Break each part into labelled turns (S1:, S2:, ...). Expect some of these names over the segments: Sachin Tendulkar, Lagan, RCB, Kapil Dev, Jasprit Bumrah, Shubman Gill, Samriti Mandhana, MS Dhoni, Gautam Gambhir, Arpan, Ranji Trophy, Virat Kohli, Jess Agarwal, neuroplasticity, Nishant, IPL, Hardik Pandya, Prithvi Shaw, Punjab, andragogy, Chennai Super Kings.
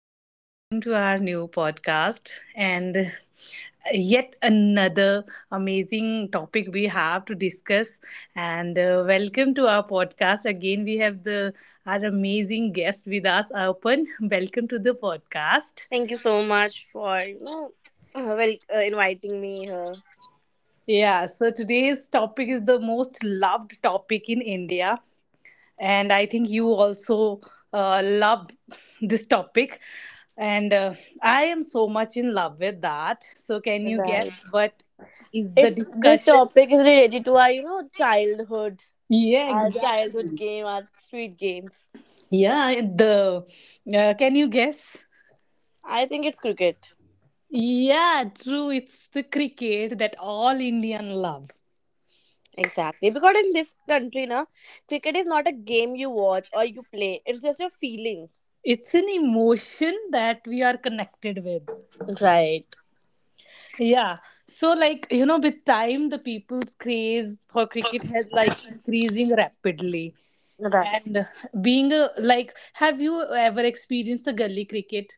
S1: and welcome to our new podcast. And yet another amazing topic we have to discuss. And welcome to our podcast again. We have the our amazing guest with us, Arpan. Welcome to the podcast.
S2: Thank you so much for inviting me here.
S1: Yeah, so today's topic is the most loved topic in India. And I think you also love this topic, and I am so much in love with that. So, can you guess
S2: Right.
S1: what is the
S2: It's This
S1: discussion?
S2: topic is related to our childhood,
S1: Yeah,
S2: our childhood
S1: exactly.
S2: game, our street games.
S1: Yeah, the can you guess?
S2: I think it's cricket.
S1: Yeah, true. It's the cricket that all Indian love.
S2: Exactly, because in this country, na, cricket is not a game you watch or you play. It's just a feeling.
S1: It's an emotion that we are connected with.
S2: Right.
S1: Yeah. So, like, you know, with time the people's craze for cricket has like increasing rapidly.
S2: Right.
S1: And being a like have you ever experienced the gully cricket?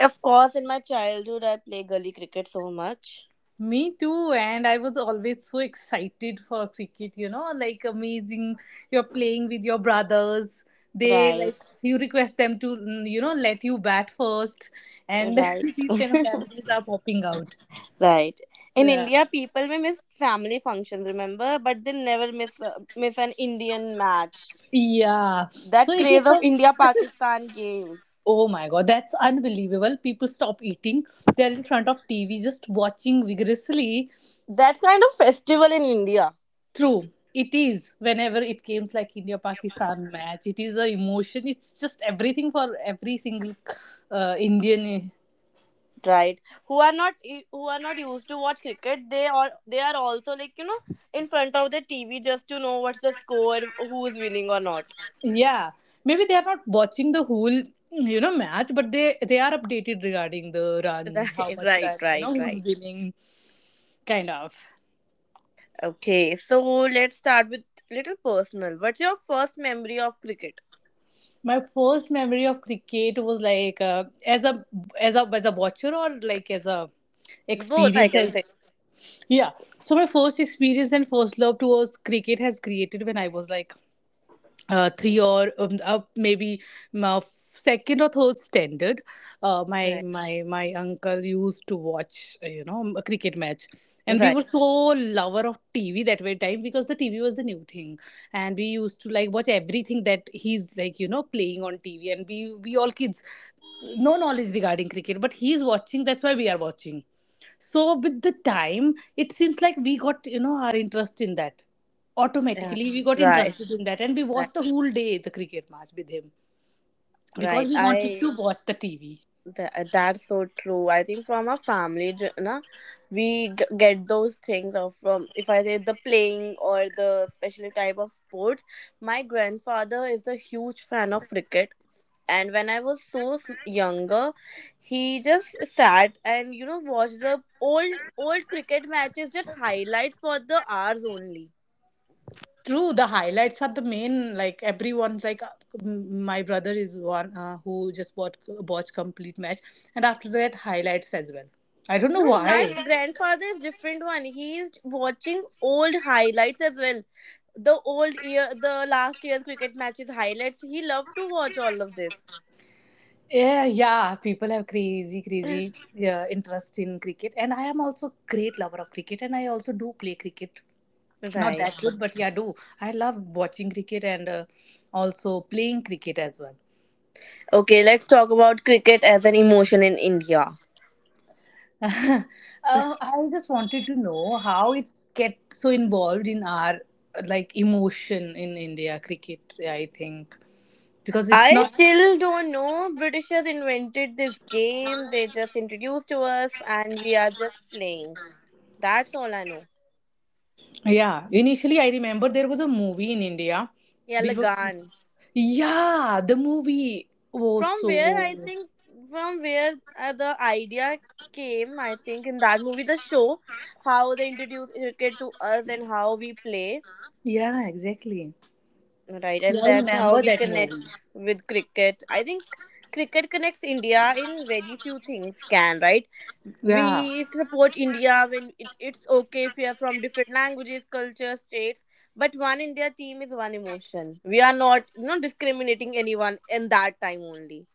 S2: Of course, in my childhood, I play gully cricket so much.
S1: Me too, and I was always so excited for cricket, you know, like amazing. You're playing with your brothers, they like
S2: Right.
S1: you request them to, let you bat first, and
S2: Right.
S1: these kind of memories are popping out.
S2: Right. In
S1: Yeah,
S2: India, people may miss family functions, remember, but they never miss an Indian match.
S1: yeah. So
S2: That
S1: it is
S2: craze of
S1: a
S2: India Pakistan games.
S1: Oh my god, that's unbelievable. People stop eating. They're in front of TV just watching vigorously.
S2: That kind of festival in India,
S1: True. It is whenever it comes like India Pakistan match. It is a emotion. It's just everything for every single Indian.
S2: right? Who are not who are not used to watch cricket, they are also in front of the TV just to know what's the score, who's winning or not.
S1: Yeah. Maybe they are not watching the whole match, but they are updated regarding the runs, how
S2: Right,
S1: much
S2: right,
S1: run,
S2: right,
S1: who's
S2: right.
S1: winning, kind of.
S2: Okay, so let's start with little personal. What's your first memory of cricket?
S1: My first memory of cricket was like as a as a watcher, or like as a
S2: Both, I
S1: experience
S2: can say.
S1: as yeah. So my first experience and first love towards cricket has created when I was like three or up maybe um, uh, second or third standard. uh, my
S2: Right.
S1: my my uncle used to watch a cricket match, and we
S2: Right.
S1: were so lover of TV that way time, because the TV was the new thing, and we used to like watch everything that he's like playing on TV, and we all kids no knowledge regarding cricket, but he's watching, that's why we are watching. So with the time, it seems like we got our interest in that.
S2: Yeah,
S1: Automatically, we got
S2: right,
S1: interested in that, and we
S2: right,
S1: watched the whole day the cricket match with him because
S2: right.
S1: we wanted
S2: I
S1: to watch the TV.
S2: th- that's so true. I think from a family, na, get those things of from if I say the playing or the special type of sports. My grandfather is a huge fan of cricket, and when I was so younger, he just sat and watched the old cricket matches, just highlights for the hours only.
S1: True, the highlights are the main. Like everyone's like, my brother is one who just watched complete match, and after that highlights as well. I don't know
S2: No, my
S1: why.
S2: grandfather is different one. He is watching old highlights as well. The old year, the last year's cricket matches highlights. He loved to watch all of this.
S1: Yeah, yeah, people have crazy, crazy, yeah, interest in cricket, and I am also great lover of cricket, and I also do play cricket. Not
S2: Right.
S1: that good, but yeah, I do. I love watching cricket, and also playing cricket as well.
S2: Okay, let's talk about cricket as an emotion in India.
S1: I just wanted to know how it get so involved in our like emotion in India cricket. I think because it's
S2: I
S1: not.
S2: still don't know. Britishers invented this game. They just introduced to us, and we are just playing. That's all I know.
S1: Yeah, initially I remember there was a movie in India
S2: Yeah,
S1: which was.
S2: Lagan.
S1: Yeah, the movie. Oh,
S2: From where
S1: so.
S2: I think from where the idea came. I think in that movie, the show, how they introduce cricket to us and how we play,
S1: Yeah, exactly.
S2: right?
S1: Yeah,
S2: And
S1: I
S2: that's how
S1: remember
S2: we
S1: that
S2: connect
S1: movie.
S2: with cricket. I think cricket connects India in very few things can, right?
S1: Yeah.
S2: We support India when it's okay if we are from different languages, cultures, states. But one India team is one emotion. We are not discriminating anyone in that time only.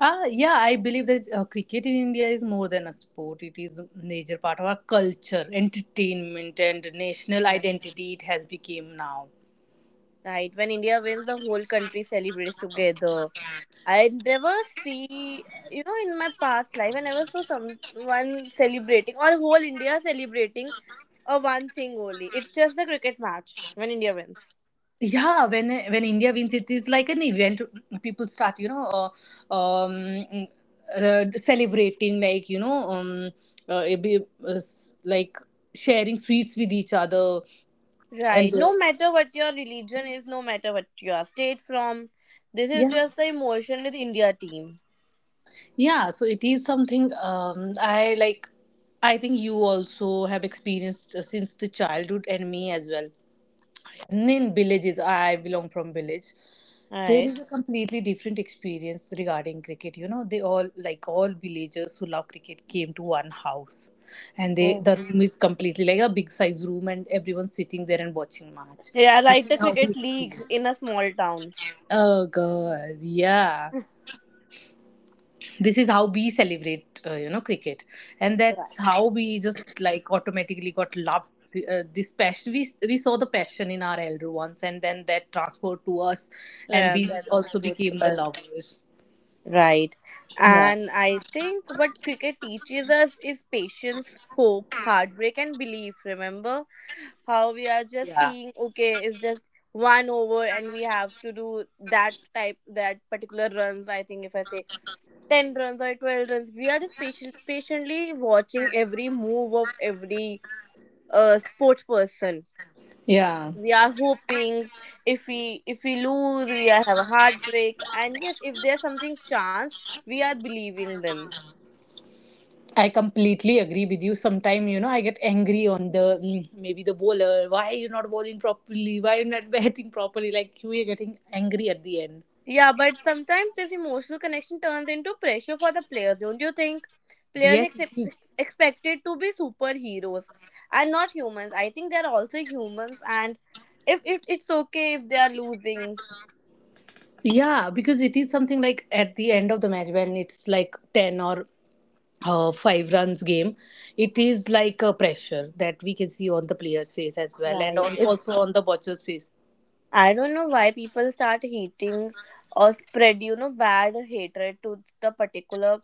S1: Ah, yeah, I believe that cricket in India is more than a sport. It is a major part of our culture, entertainment, and national identity. It has become now.
S2: Right. When India wins, the whole country celebrates together. I never see, in my past life, I never saw someone celebrating or whole India celebrating a one thing only. It's just the cricket match when India wins.
S1: Yeah, when India wins, it is like an event. People start, uh, um, celebrating, it be, s- like sharing sweets with each other, and
S2: Right. No matter what your religion is, no matter what your state from, this is
S1: yeah.
S2: just the emotion with India team.
S1: Yeah, so it is something I think you also have experienced, since the childhood, and me as well. And in villages, I belong from village, there is
S2: Right.
S1: a completely different experience regarding cricket. You know they all like All villagers who love cricket came to one house, and
S2: Oh.
S1: the room is completely like a big size room, and everyone's sitting there and watching match.
S2: Yeah,
S1: This
S2: right.
S1: is
S2: The
S1: how we
S2: cricket league
S1: experience.
S2: in a small town.
S1: Oh god, yeah, this is how we celebrate cricket, and
S2: Right.
S1: that's how we just like automatically got loved, this passion. We saw the passion in our elder ones, and then that transferred to us, and
S2: Yeah,
S1: we
S2: that was
S1: also
S2: good to
S1: became the
S2: us.
S1: lovers.
S2: Right.
S1: Yeah,
S2: And I think what cricket teaches us is patience, hope, heartbreak, and belief. Remember how we are just
S1: yeah,
S2: seeing, okay, it's just one over and we have to do that type, that particular runs. I think if I say 10 runs or 12 runs, we are just patient, patiently watching every move of every sports person.
S1: yeah,
S2: We are hoping. If we lose, have a heartbreak, and yes, if there's something chance, we are believing them.
S1: I completely agree with you. Sometime I get angry on the mm, maybe the bowler. Why you not bowling properly? Why you not batting properly? Like we are getting angry at the end.
S2: Yeah, but sometimes this emotional connection turns into pressure for the players, don't you think? players
S1: Yes.
S2: ex- expected to be superheroes and not humans. I think they're also humans, and if it's okay if they are losing.
S1: Yeah, because it is something like at the end of the match when it's like 10 or 5 runs game, it is like a pressure that we can see on the player's face as well, and
S2: Right.
S1: on,
S2: if
S1: also on the watcher's face.
S2: I don't know why people start hating or spread, bad hatred to the particular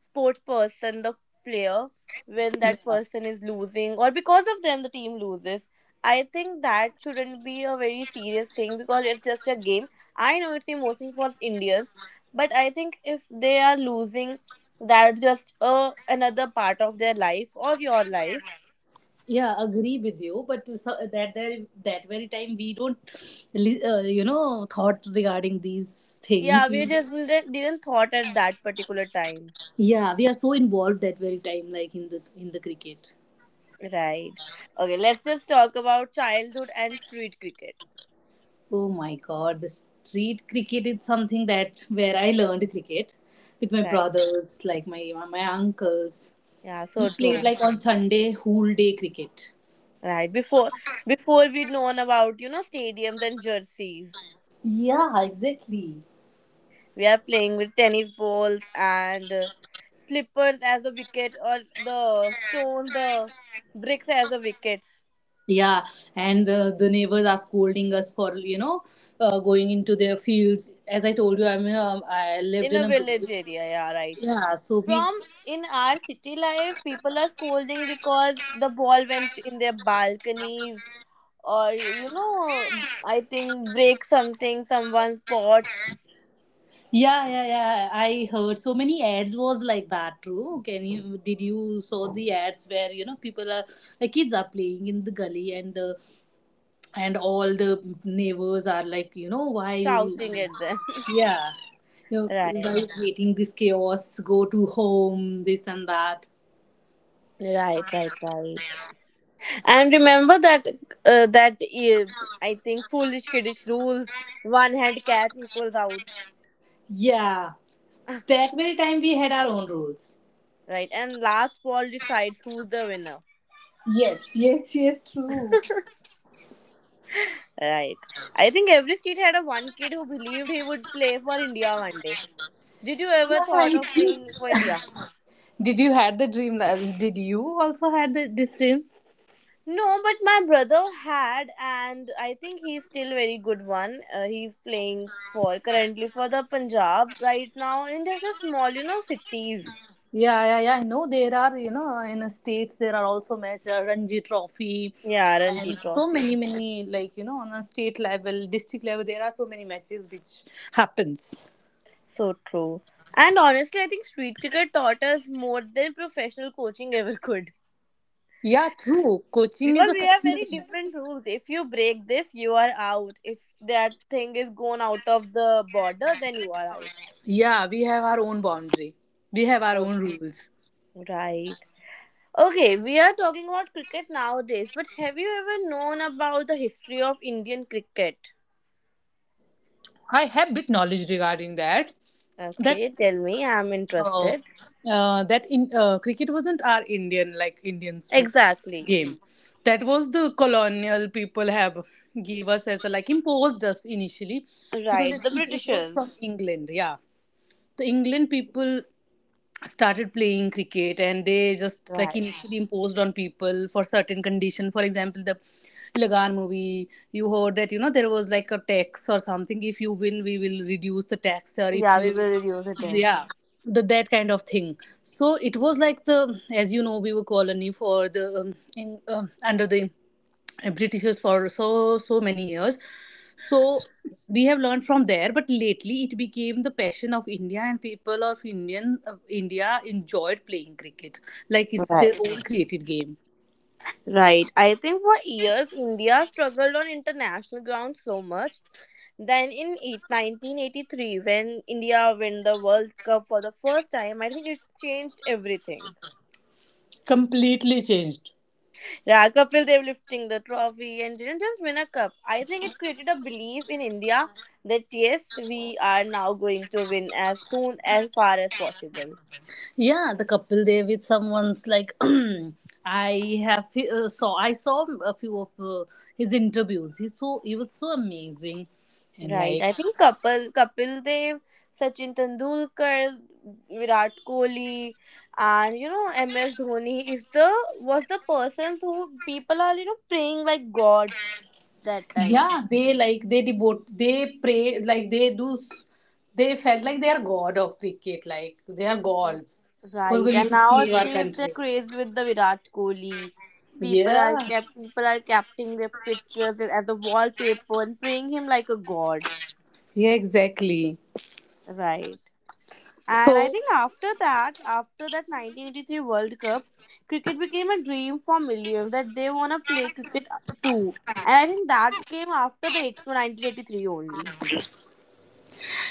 S2: sports person, the player, when
S1: Yeah,
S2: that person is losing or because of them the team loses. I think that shouldn't be a very serious thing because it's just a game. I know it's emotion for Indians, but I think if they are losing, that's just another part of their life or your life.
S1: yeah, agree with you, but so, that very time we don't, thought regarding these things.
S2: Yeah, we
S1: We,
S2: just didn't thought at that particular time.
S1: yeah, we are so involved that very time, like in the cricket.
S2: Right. Okay, let's just talk about childhood and street cricket.
S1: Oh my god, the street cricket is something that where I learned cricket with my
S2: Right.
S1: brothers, like my uncles.
S2: Yeah, so
S1: We played
S2: true.
S1: like on Sunday whole day cricket.
S2: Right. Before we'd known about, stadiums and jerseys.
S1: Yeah, exactly.
S2: We are playing with tennis balls and slippers as a wicket or the stone, the bricks as the wickets
S1: Yeah, and the neighbors are scolding us for going into their fields. As I told you, I mean I lived
S2: in
S1: in
S2: a
S1: a
S2: village
S1: village.
S2: area. Yeah, right.
S1: Yeah, so we
S2: from In our city life, people are scolding because the ball went in their balconies, or I think break something, someone's pots.
S1: yeah, yeah, yeah. I heard so many ads was like that. True. Can you did you saw the ads where people are the kids are playing in the gully, and the and all the neighbors are like, why you...
S2: Shouting at them.
S1: Yeah. you know why
S2: Right,
S1: you creating this chaos? Go to home, this and that.
S2: right, right, right. And remember that uh, I think, foolish kiddish rules: one hand catch equals out.
S1: Yeah, that very time we had our own rules.
S2: Right, and last ball decides who's the winner.
S1: Yes, yes, yes, true.
S2: Right. I think every street had a one kid who believed he would play for India one day. Did you
S1: Yeah,
S2: ever thought of playing for India?
S1: did you had the dream? Did you also had this dream?
S2: No, but my brother had, and I think he's still very good one. He's playing for currently for the Punjab right now in just a small, cities.
S1: Yeah, yeah, yeah. I know there are, in the states there are also match, Ranji Trophy,
S2: Yeah, Ranji
S1: and so
S2: Trophy.
S1: many, many like, on a state level, district level, there are so many matches which happens.
S2: So true. And honestly, I think street cricket taught us more than professional coaching ever could.
S1: Yeah, true. Coaching is
S2: Because
S1: a
S2: we have very
S1: secondary.
S2: different rules: if you break this, you are out; if that thing is gone out of the border, then you are out.
S1: Yeah, we have our own boundary. We have our
S2: Oh,
S1: own rules.
S2: right. Okay, we are talking about cricket nowadays, but have you ever known about the history of Indian cricket?
S1: I have bit knowledge regarding that. That
S2: Okay, tell me, I'm
S1: Oh,
S2: interested.
S1: that in cricket wasn't our Indians
S2: Exactly.
S1: game. That was the colonial people have gave us as a, like imposed us initially, because
S2: Right,
S1: it
S2: the
S1: it, it was from
S2: Britishers.
S1: England. Yeah, the England people started playing cricket, and they just like
S2: Right,
S1: initially imposed on people for certain condition. For example, the Lagan movie, you heard that there was like a tax or something. If you win, we will reduce the tax, or if
S2: yeah, we
S1: you,
S2: will reduce it as.
S1: yeah, the that kind of thing. So it was like, the as you know we were colony for under the Britishers for so many years. So we have learned from there, but lately it became the passion of India, and people of India enjoyed playing cricket, like it's
S2: Right.
S1: their own created game.
S2: Right. I think for years India struggled on international ground so much. Then in eight 1983, when India win the World Cup for the first time, I think it changed everything.
S1: Completely changed.
S2: Yeah, Kapil Dev lifting the trophy and didn't just win a cup. I think it created a belief in India that yes, we are now going to win as soon as far as possible.
S1: Yeah, the couple there with someone's like, I saw a few of his interviews. He was so amazing, and
S2: Right.
S1: like,
S2: I think Kapil Dev, Sachin Tendulkar, Virat Kohli, and MS Dhoni is the was the persons who people are praying like gods that time.
S1: yeah, they pray like they do. They felt like they are god of cricket, like they are
S2: Yeah.
S1: gods who's
S2: Right.
S1: going
S2: And
S1: to save our
S2: nowadays they're
S1: country.
S2: crazy with the Virat Kohli.
S1: Yeah,
S2: People are capturing their pictures as a wallpaper and praying him like a god.
S1: yeah, exactly.
S2: Right. And I
S1: So,
S2: think after that 1983 World Cup, cricket became a dream for millions that they want to play cricket too. And I think that came after the 8 1983 only.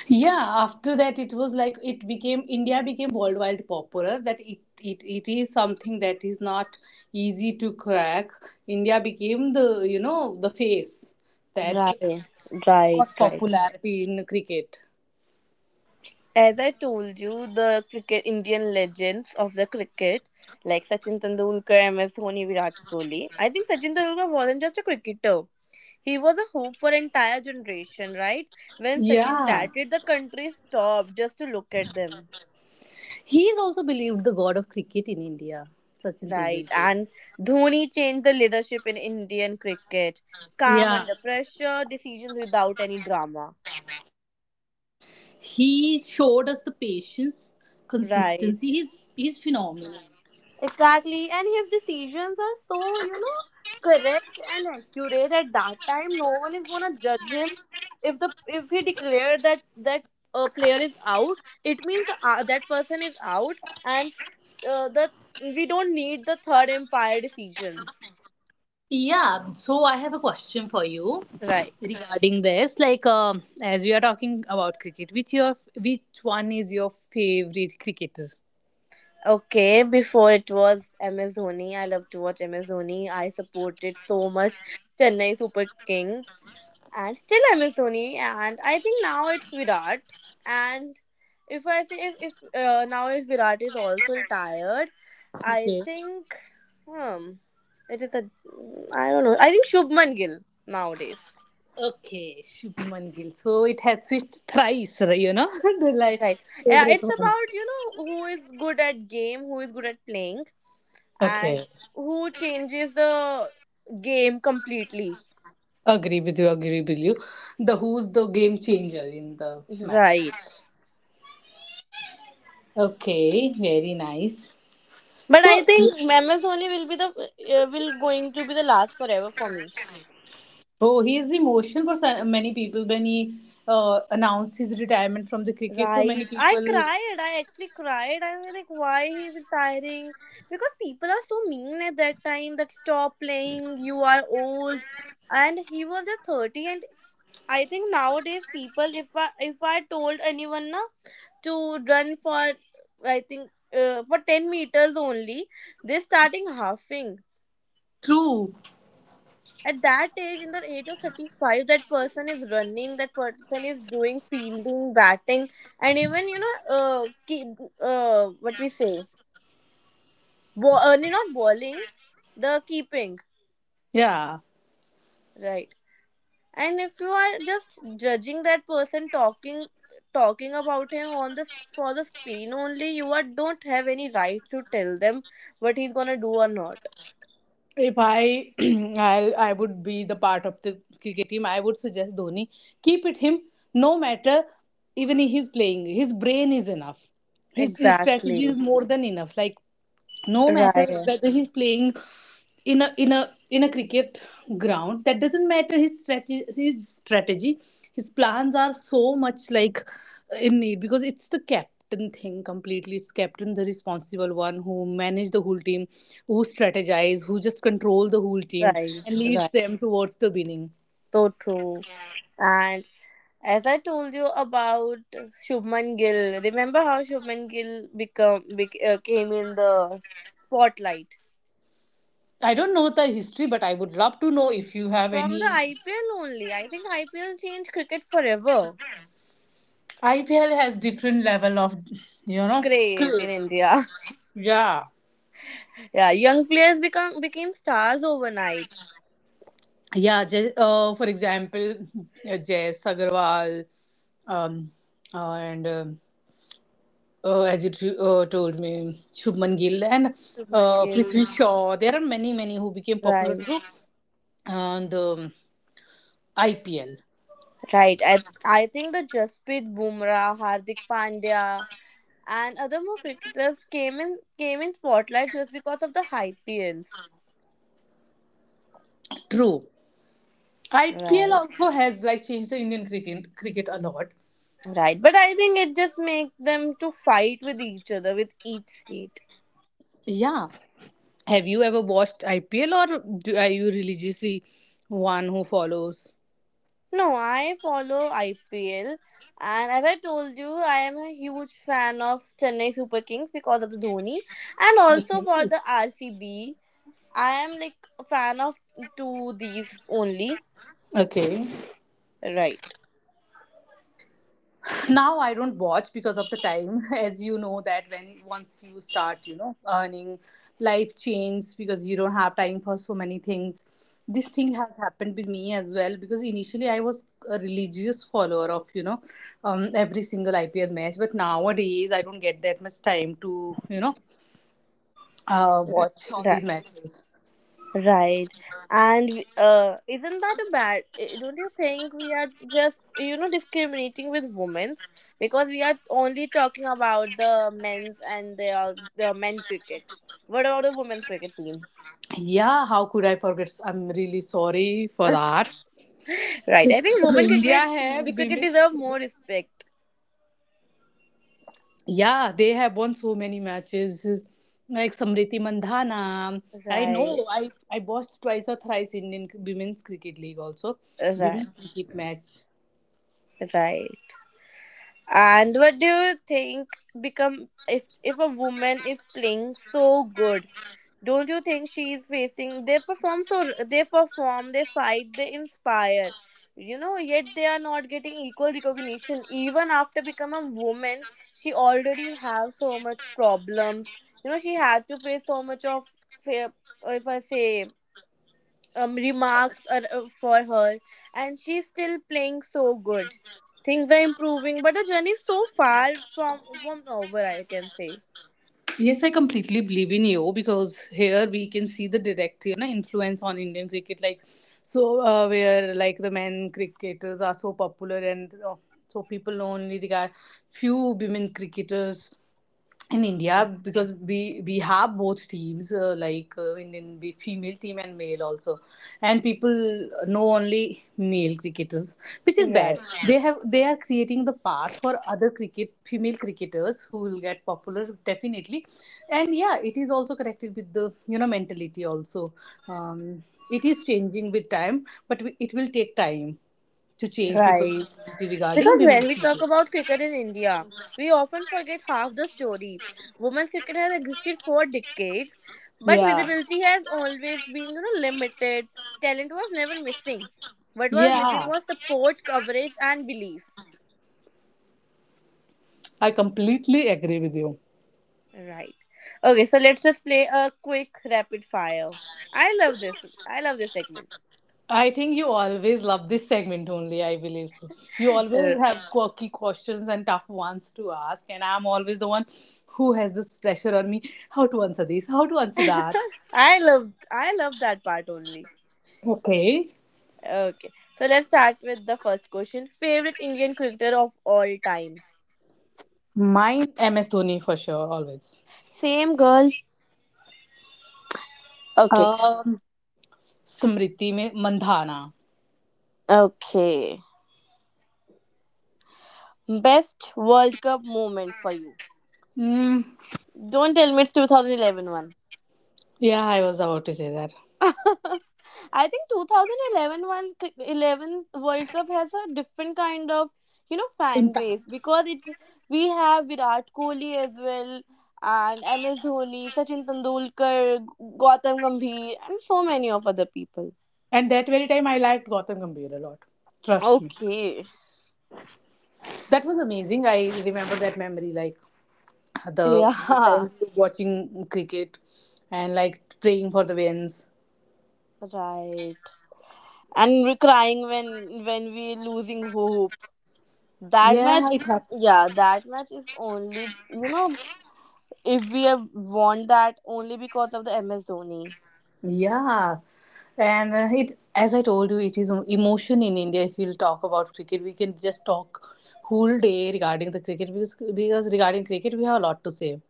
S1: yeah, after that it was like it became India became worldwide popular, that it is something that is not easy to crack. India became the you know the face that
S2: Right, right,
S1: got
S2: right.
S1: popularity in cricket.
S2: As I told you, the cricket Indian legends of the cricket, like Sachin Tendulkar, MS Dhoni, Virat Kohli. I think Sachin Tendulkar wasn't just a cricketer; he was a hope for entire generation. Right? When Sachin
S1: Yeah,
S2: batted, the country stopped just to look at them.
S1: he is also believed the god of cricket in India, Sachin
S2: Right.
S1: Tendulkar.
S2: And Dhoni changed the leadership in Indian cricket. Calm
S1: Yeah,
S2: under pressure, decisions without any drama.
S1: he showed us the patience, consistency. He's
S2: Right.
S1: phenomenal.
S2: Exactly. And his decisions are so correct and accurate at that time. No one is gonna judge him. If he declared that a player is out, it means that person is out, and the we don't need the third umpire decisions.
S1: Yeah, so I have a question for you
S2: Right.
S1: regarding this. Like, as we are talking about cricket, which one is your favorite cricketer?
S2: Okay, before it was MS Dhoni. I love to watch MS Dhoni. I supported so much Chennai Super Kings and still MS Dhoni. And I think now it's Virat. And if I say if now is Virat is also retired, I
S1: Okay.
S2: think, hmm, it is a I don't know. I think Shubman Gill nowadays.
S1: Okay, Shubman Gill. So it has switched thrice, right, the like
S2: Right. Yeah,
S1: favorite
S2: it's
S1: one.
S2: about who is good at game, who is good at playing,
S1: Okay,
S2: and who changes the game completely.
S1: agree with you. Agree with you. The Who's the game changer in the match?
S2: Right.
S1: Okay, very nice.
S2: But I
S1: So
S2: think MS Dhoni will going to be the last forever for me.
S1: Oh, he is emotional for many people when he announced his retirement from the cricket. So many
S2: Right. I
S1: people.
S2: cried. I actually cried. I was like, why he's retiring? Because people are so mean at that time that stop playing. You are old, and he was just 30. And I think nowadays people, if I told anyone na to run for I think for 10 meters only. They're starting halving.
S1: True.
S2: At that age, in the age of 35, that person is running, that person is doing fielding, batting, and even, keep, what we say, not bowling, the keeping,
S1: Yeah.
S2: right? And if you are just judging that person talking about him on the for the screen only, you don't have any right to tell them what he's gonna do or not.
S1: If I I would be the part of the cricket team, I would suggest Dhoni keep it him. No matter, even he is playing, his brain is enough. His strategy
S2: Exactly.
S1: is more than enough. Like, no matter
S2: Right.
S1: whether he's playing in a in a in a cricket ground, that doesn't matter. His plans are so much like in need, because it's the captain thing completely. It's captain the responsible one who manage the whole team, who strategize, who just control the whole team
S2: Right.
S1: and leads
S2: Right.
S1: them towards the winning.
S2: So true. And as I told you about Shubman Gill, remember how Shubman Gill came in the spotlight
S1: I don't know the history, but I would love to know if you have
S2: from the
S1: any.
S2: IPL only. I think IPL changed cricket forever.
S1: IPL has different level of, you know.
S2: Craze
S1: Clue.
S2: in India.
S1: Yeah,
S2: Yeah, young players become became stars overnight.
S1: yeah. Just, for example, Jess Agarwal, um, and as you told me, Shubman Gill, and
S2: Shubman Gill.
S1: Prithvi Shaw. There are many, many who became popular
S2: Right.
S1: through and IPL.
S2: Right. I think the Jasprit Bumrah, Hardik Pandya, and other more cricketers came in spotlight just because of the IPLs.
S1: True, IPL
S2: Right.
S1: also has like changed the Indian cricket a lot.
S2: Right, but I think it just makes them to fight with each other with each state.
S1: Yeah, have you ever watched IPL, are you religiously one who follows?
S2: No, I follow IPL, and as I told you, I am a huge fan of Chennai Super Kings because of the Dhoni, and also for
S1: Okay.
S2: the RCB. I am like a fan of two these only.
S1: Okay.
S2: Right,
S1: Now I don't watch because of the time as you know that, when once you start, earning, life changes because you don't have time for so many things. This thing has happened with me as well, because initially I was a religious follower of, every single IPL match. But nowadays I don't get that much time to, watch all
S2: right,
S1: these matches.
S2: right. And isn't that a bad? Don't you think we are just, discriminating with women's because we are only talking about the men's and the men cricket. What about the women's cricket team?
S1: Yeah, how could I forget? I'm really sorry for that.
S2: Right. I think women
S1: India
S2: cricket
S1: है
S2: the cricket deserve
S1: women's.
S2: more respect.
S1: Yeah, they have won so many matches. Like Samriti Mandhana. I know,
S2: Right.
S1: I watched twice or thrice Indian Women's Cricket League also.
S2: Right.
S1: Women's cricket match.
S2: Right. And what do you think become if a woman is playing so good? Don't you think she is facing? They perform, they fight, they inspire. You know, yet they are not getting equal recognition. Even after becoming a woman, she already have so much problems. You know, she had to face so much of, fa- if I say, remarks for her, and she's still playing so good. Things are improving, but the journey is so far from over. I can say.
S1: Yes, I completely believe in you, because here we can see the direct, na, influence on Indian cricket. Like, so where like the men cricketers are so popular, and so people only regard few women cricketers in India, because we have both teams, like Indian female team and male also, and people know only male cricketers, which is bad.
S2: Right.
S1: They have they are creating the path for other cricket female cricketers who will get popular, definitely. And yeah, it is also connected with the, you know, mentality also. um, it is changing with time, but it will take time to change people's
S2: Right.
S1: mentality regarding
S2: Because
S1: women.
S2: when we talk about cricket in India, we often forget half the story. Women's cricket has existed for decades, but
S1: yeah
S2: visibility has always been, limited. Talent was never missing. What was missing
S1: yeah
S2: was support, coverage, and belief.
S1: I completely agree with you.
S2: Right. Okay, so let's just play a quick rapid fire. I love this. I love this segment.
S1: I think you always love this segment only, I believe so. You always
S2: Uh,
S1: have quirky questions and tough ones to ask, and I'm always the one who has this pressure on me, how to answer this, how to answer that.
S2: I love that part only.
S1: Okay.
S2: Okay, so let's start with the first question. Favorite Indian cricketer of all time?
S1: Mine, MS Dhoni for sure, always.
S2: Same girl. Okay.
S1: Um, Smriti mein Mandhana.
S2: Okay. Best World Cup moment for you.
S1: Mm,
S2: Don't tell me it's 2011 one.
S1: yeah, I was about to say that.
S2: I think 2011 one, c- 11 World Cup has a different kind of, fan base
S1: Impact.
S2: because it we have Virat Kohli as well and MS Dhoni, Sachin Tendulkar, Gautam Gambhir and so many of other people.
S1: And that very time, I liked Gautam Gambhir a lot. Trust me.
S2: Okay.
S1: That was amazing. I remember that memory, like the
S2: Yeah.
S1: time watching cricket and like praying for the wins.
S2: Right. And we're crying when we're losing hope. That
S1: Yeah,
S2: match,
S1: it happened.
S2: yeah, that match is only if we have won that only because of the MS Dhoni,
S1: Yeah, and it as I told you, it is emotion in India. If we'll talk about cricket, we can just talk whole day regarding the cricket, because regarding cricket, we have a lot to say.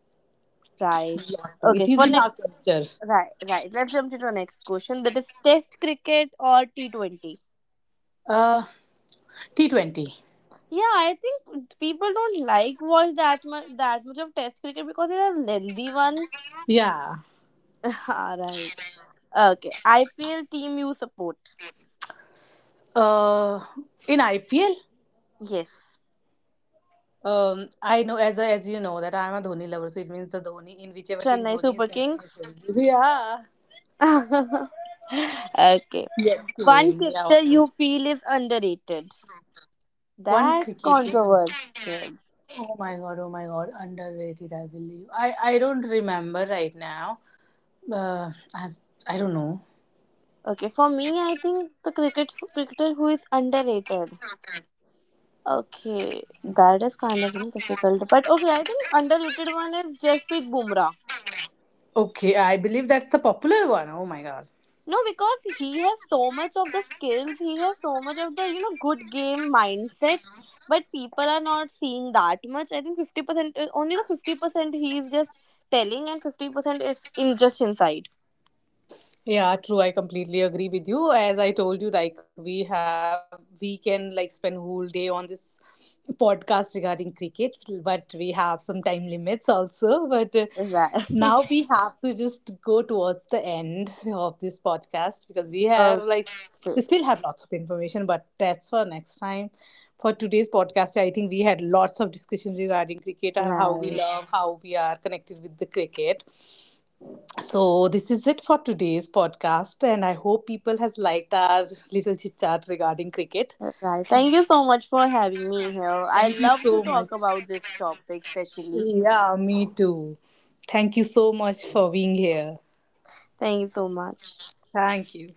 S2: right?
S1: Lot to. It
S2: Okay,
S1: is
S2: for
S1: in our
S2: next,
S1: culture.
S2: right, right. Let's jump to the next question. That is Test cricket or T20.
S1: Uh, T20.
S2: Yeah, I think people don't like watch that much of Test cricket because it's a lengthy one.
S1: Yeah.
S2: Ah, right. Okay, IPL team you support?
S1: Uh, in IPL,
S2: Yes,
S1: I know, as you know, that I am a Dhoni lover, so it means the Dhoni, in whichever team
S2: Chennai
S1: Dhoni.
S2: Super Kings.
S1: Yeah.
S2: Okay.
S1: Yes,
S2: One
S1: cream. Yeah.
S2: character you feel is underrated.
S1: One
S2: That's
S1: cricket cake.
S2: controversial.
S1: Oh my god, oh my god. Underrated, I believe. I don't remember right now. Uh, I, I don't know.
S2: Okay, for me, I think the cricketer who is underrated. Okay, that is kind of, difficult. But okay, I think underrated one is Jasprit Bumrah.
S1: Okay, I believe that's the popular one. Oh my god.
S2: No, because he has so much of the skills, he has so much of the, good game mindset, but people are not seeing that much. I think 50%, only the 50% he is just telling, and 50% is in just inside.
S1: Yeah, true. I completely agree with you. As I told you, like we have, we can like spend whole day on this podcast regarding cricket, but we have some time limits also. But Now
S2: Right.
S1: we have to just go towards the end of this podcast, because we have
S2: Okay.
S1: like, we still have lots of information, but that's for next time. For today's podcast, I think we had lots of discussions regarding cricket and how we
S2: Right.
S1: love, how we are connected with the cricket. So this is it for today's podcast, and I hope people has liked our little chit chat regarding cricket.
S2: Right. Thank you so much for having me here. I
S1: Thank you
S2: love to
S1: so much.
S2: talk about this topic, especially.
S1: Yeah, me too. Thank you so much for being here.
S2: Thank you so much.
S1: Thank you.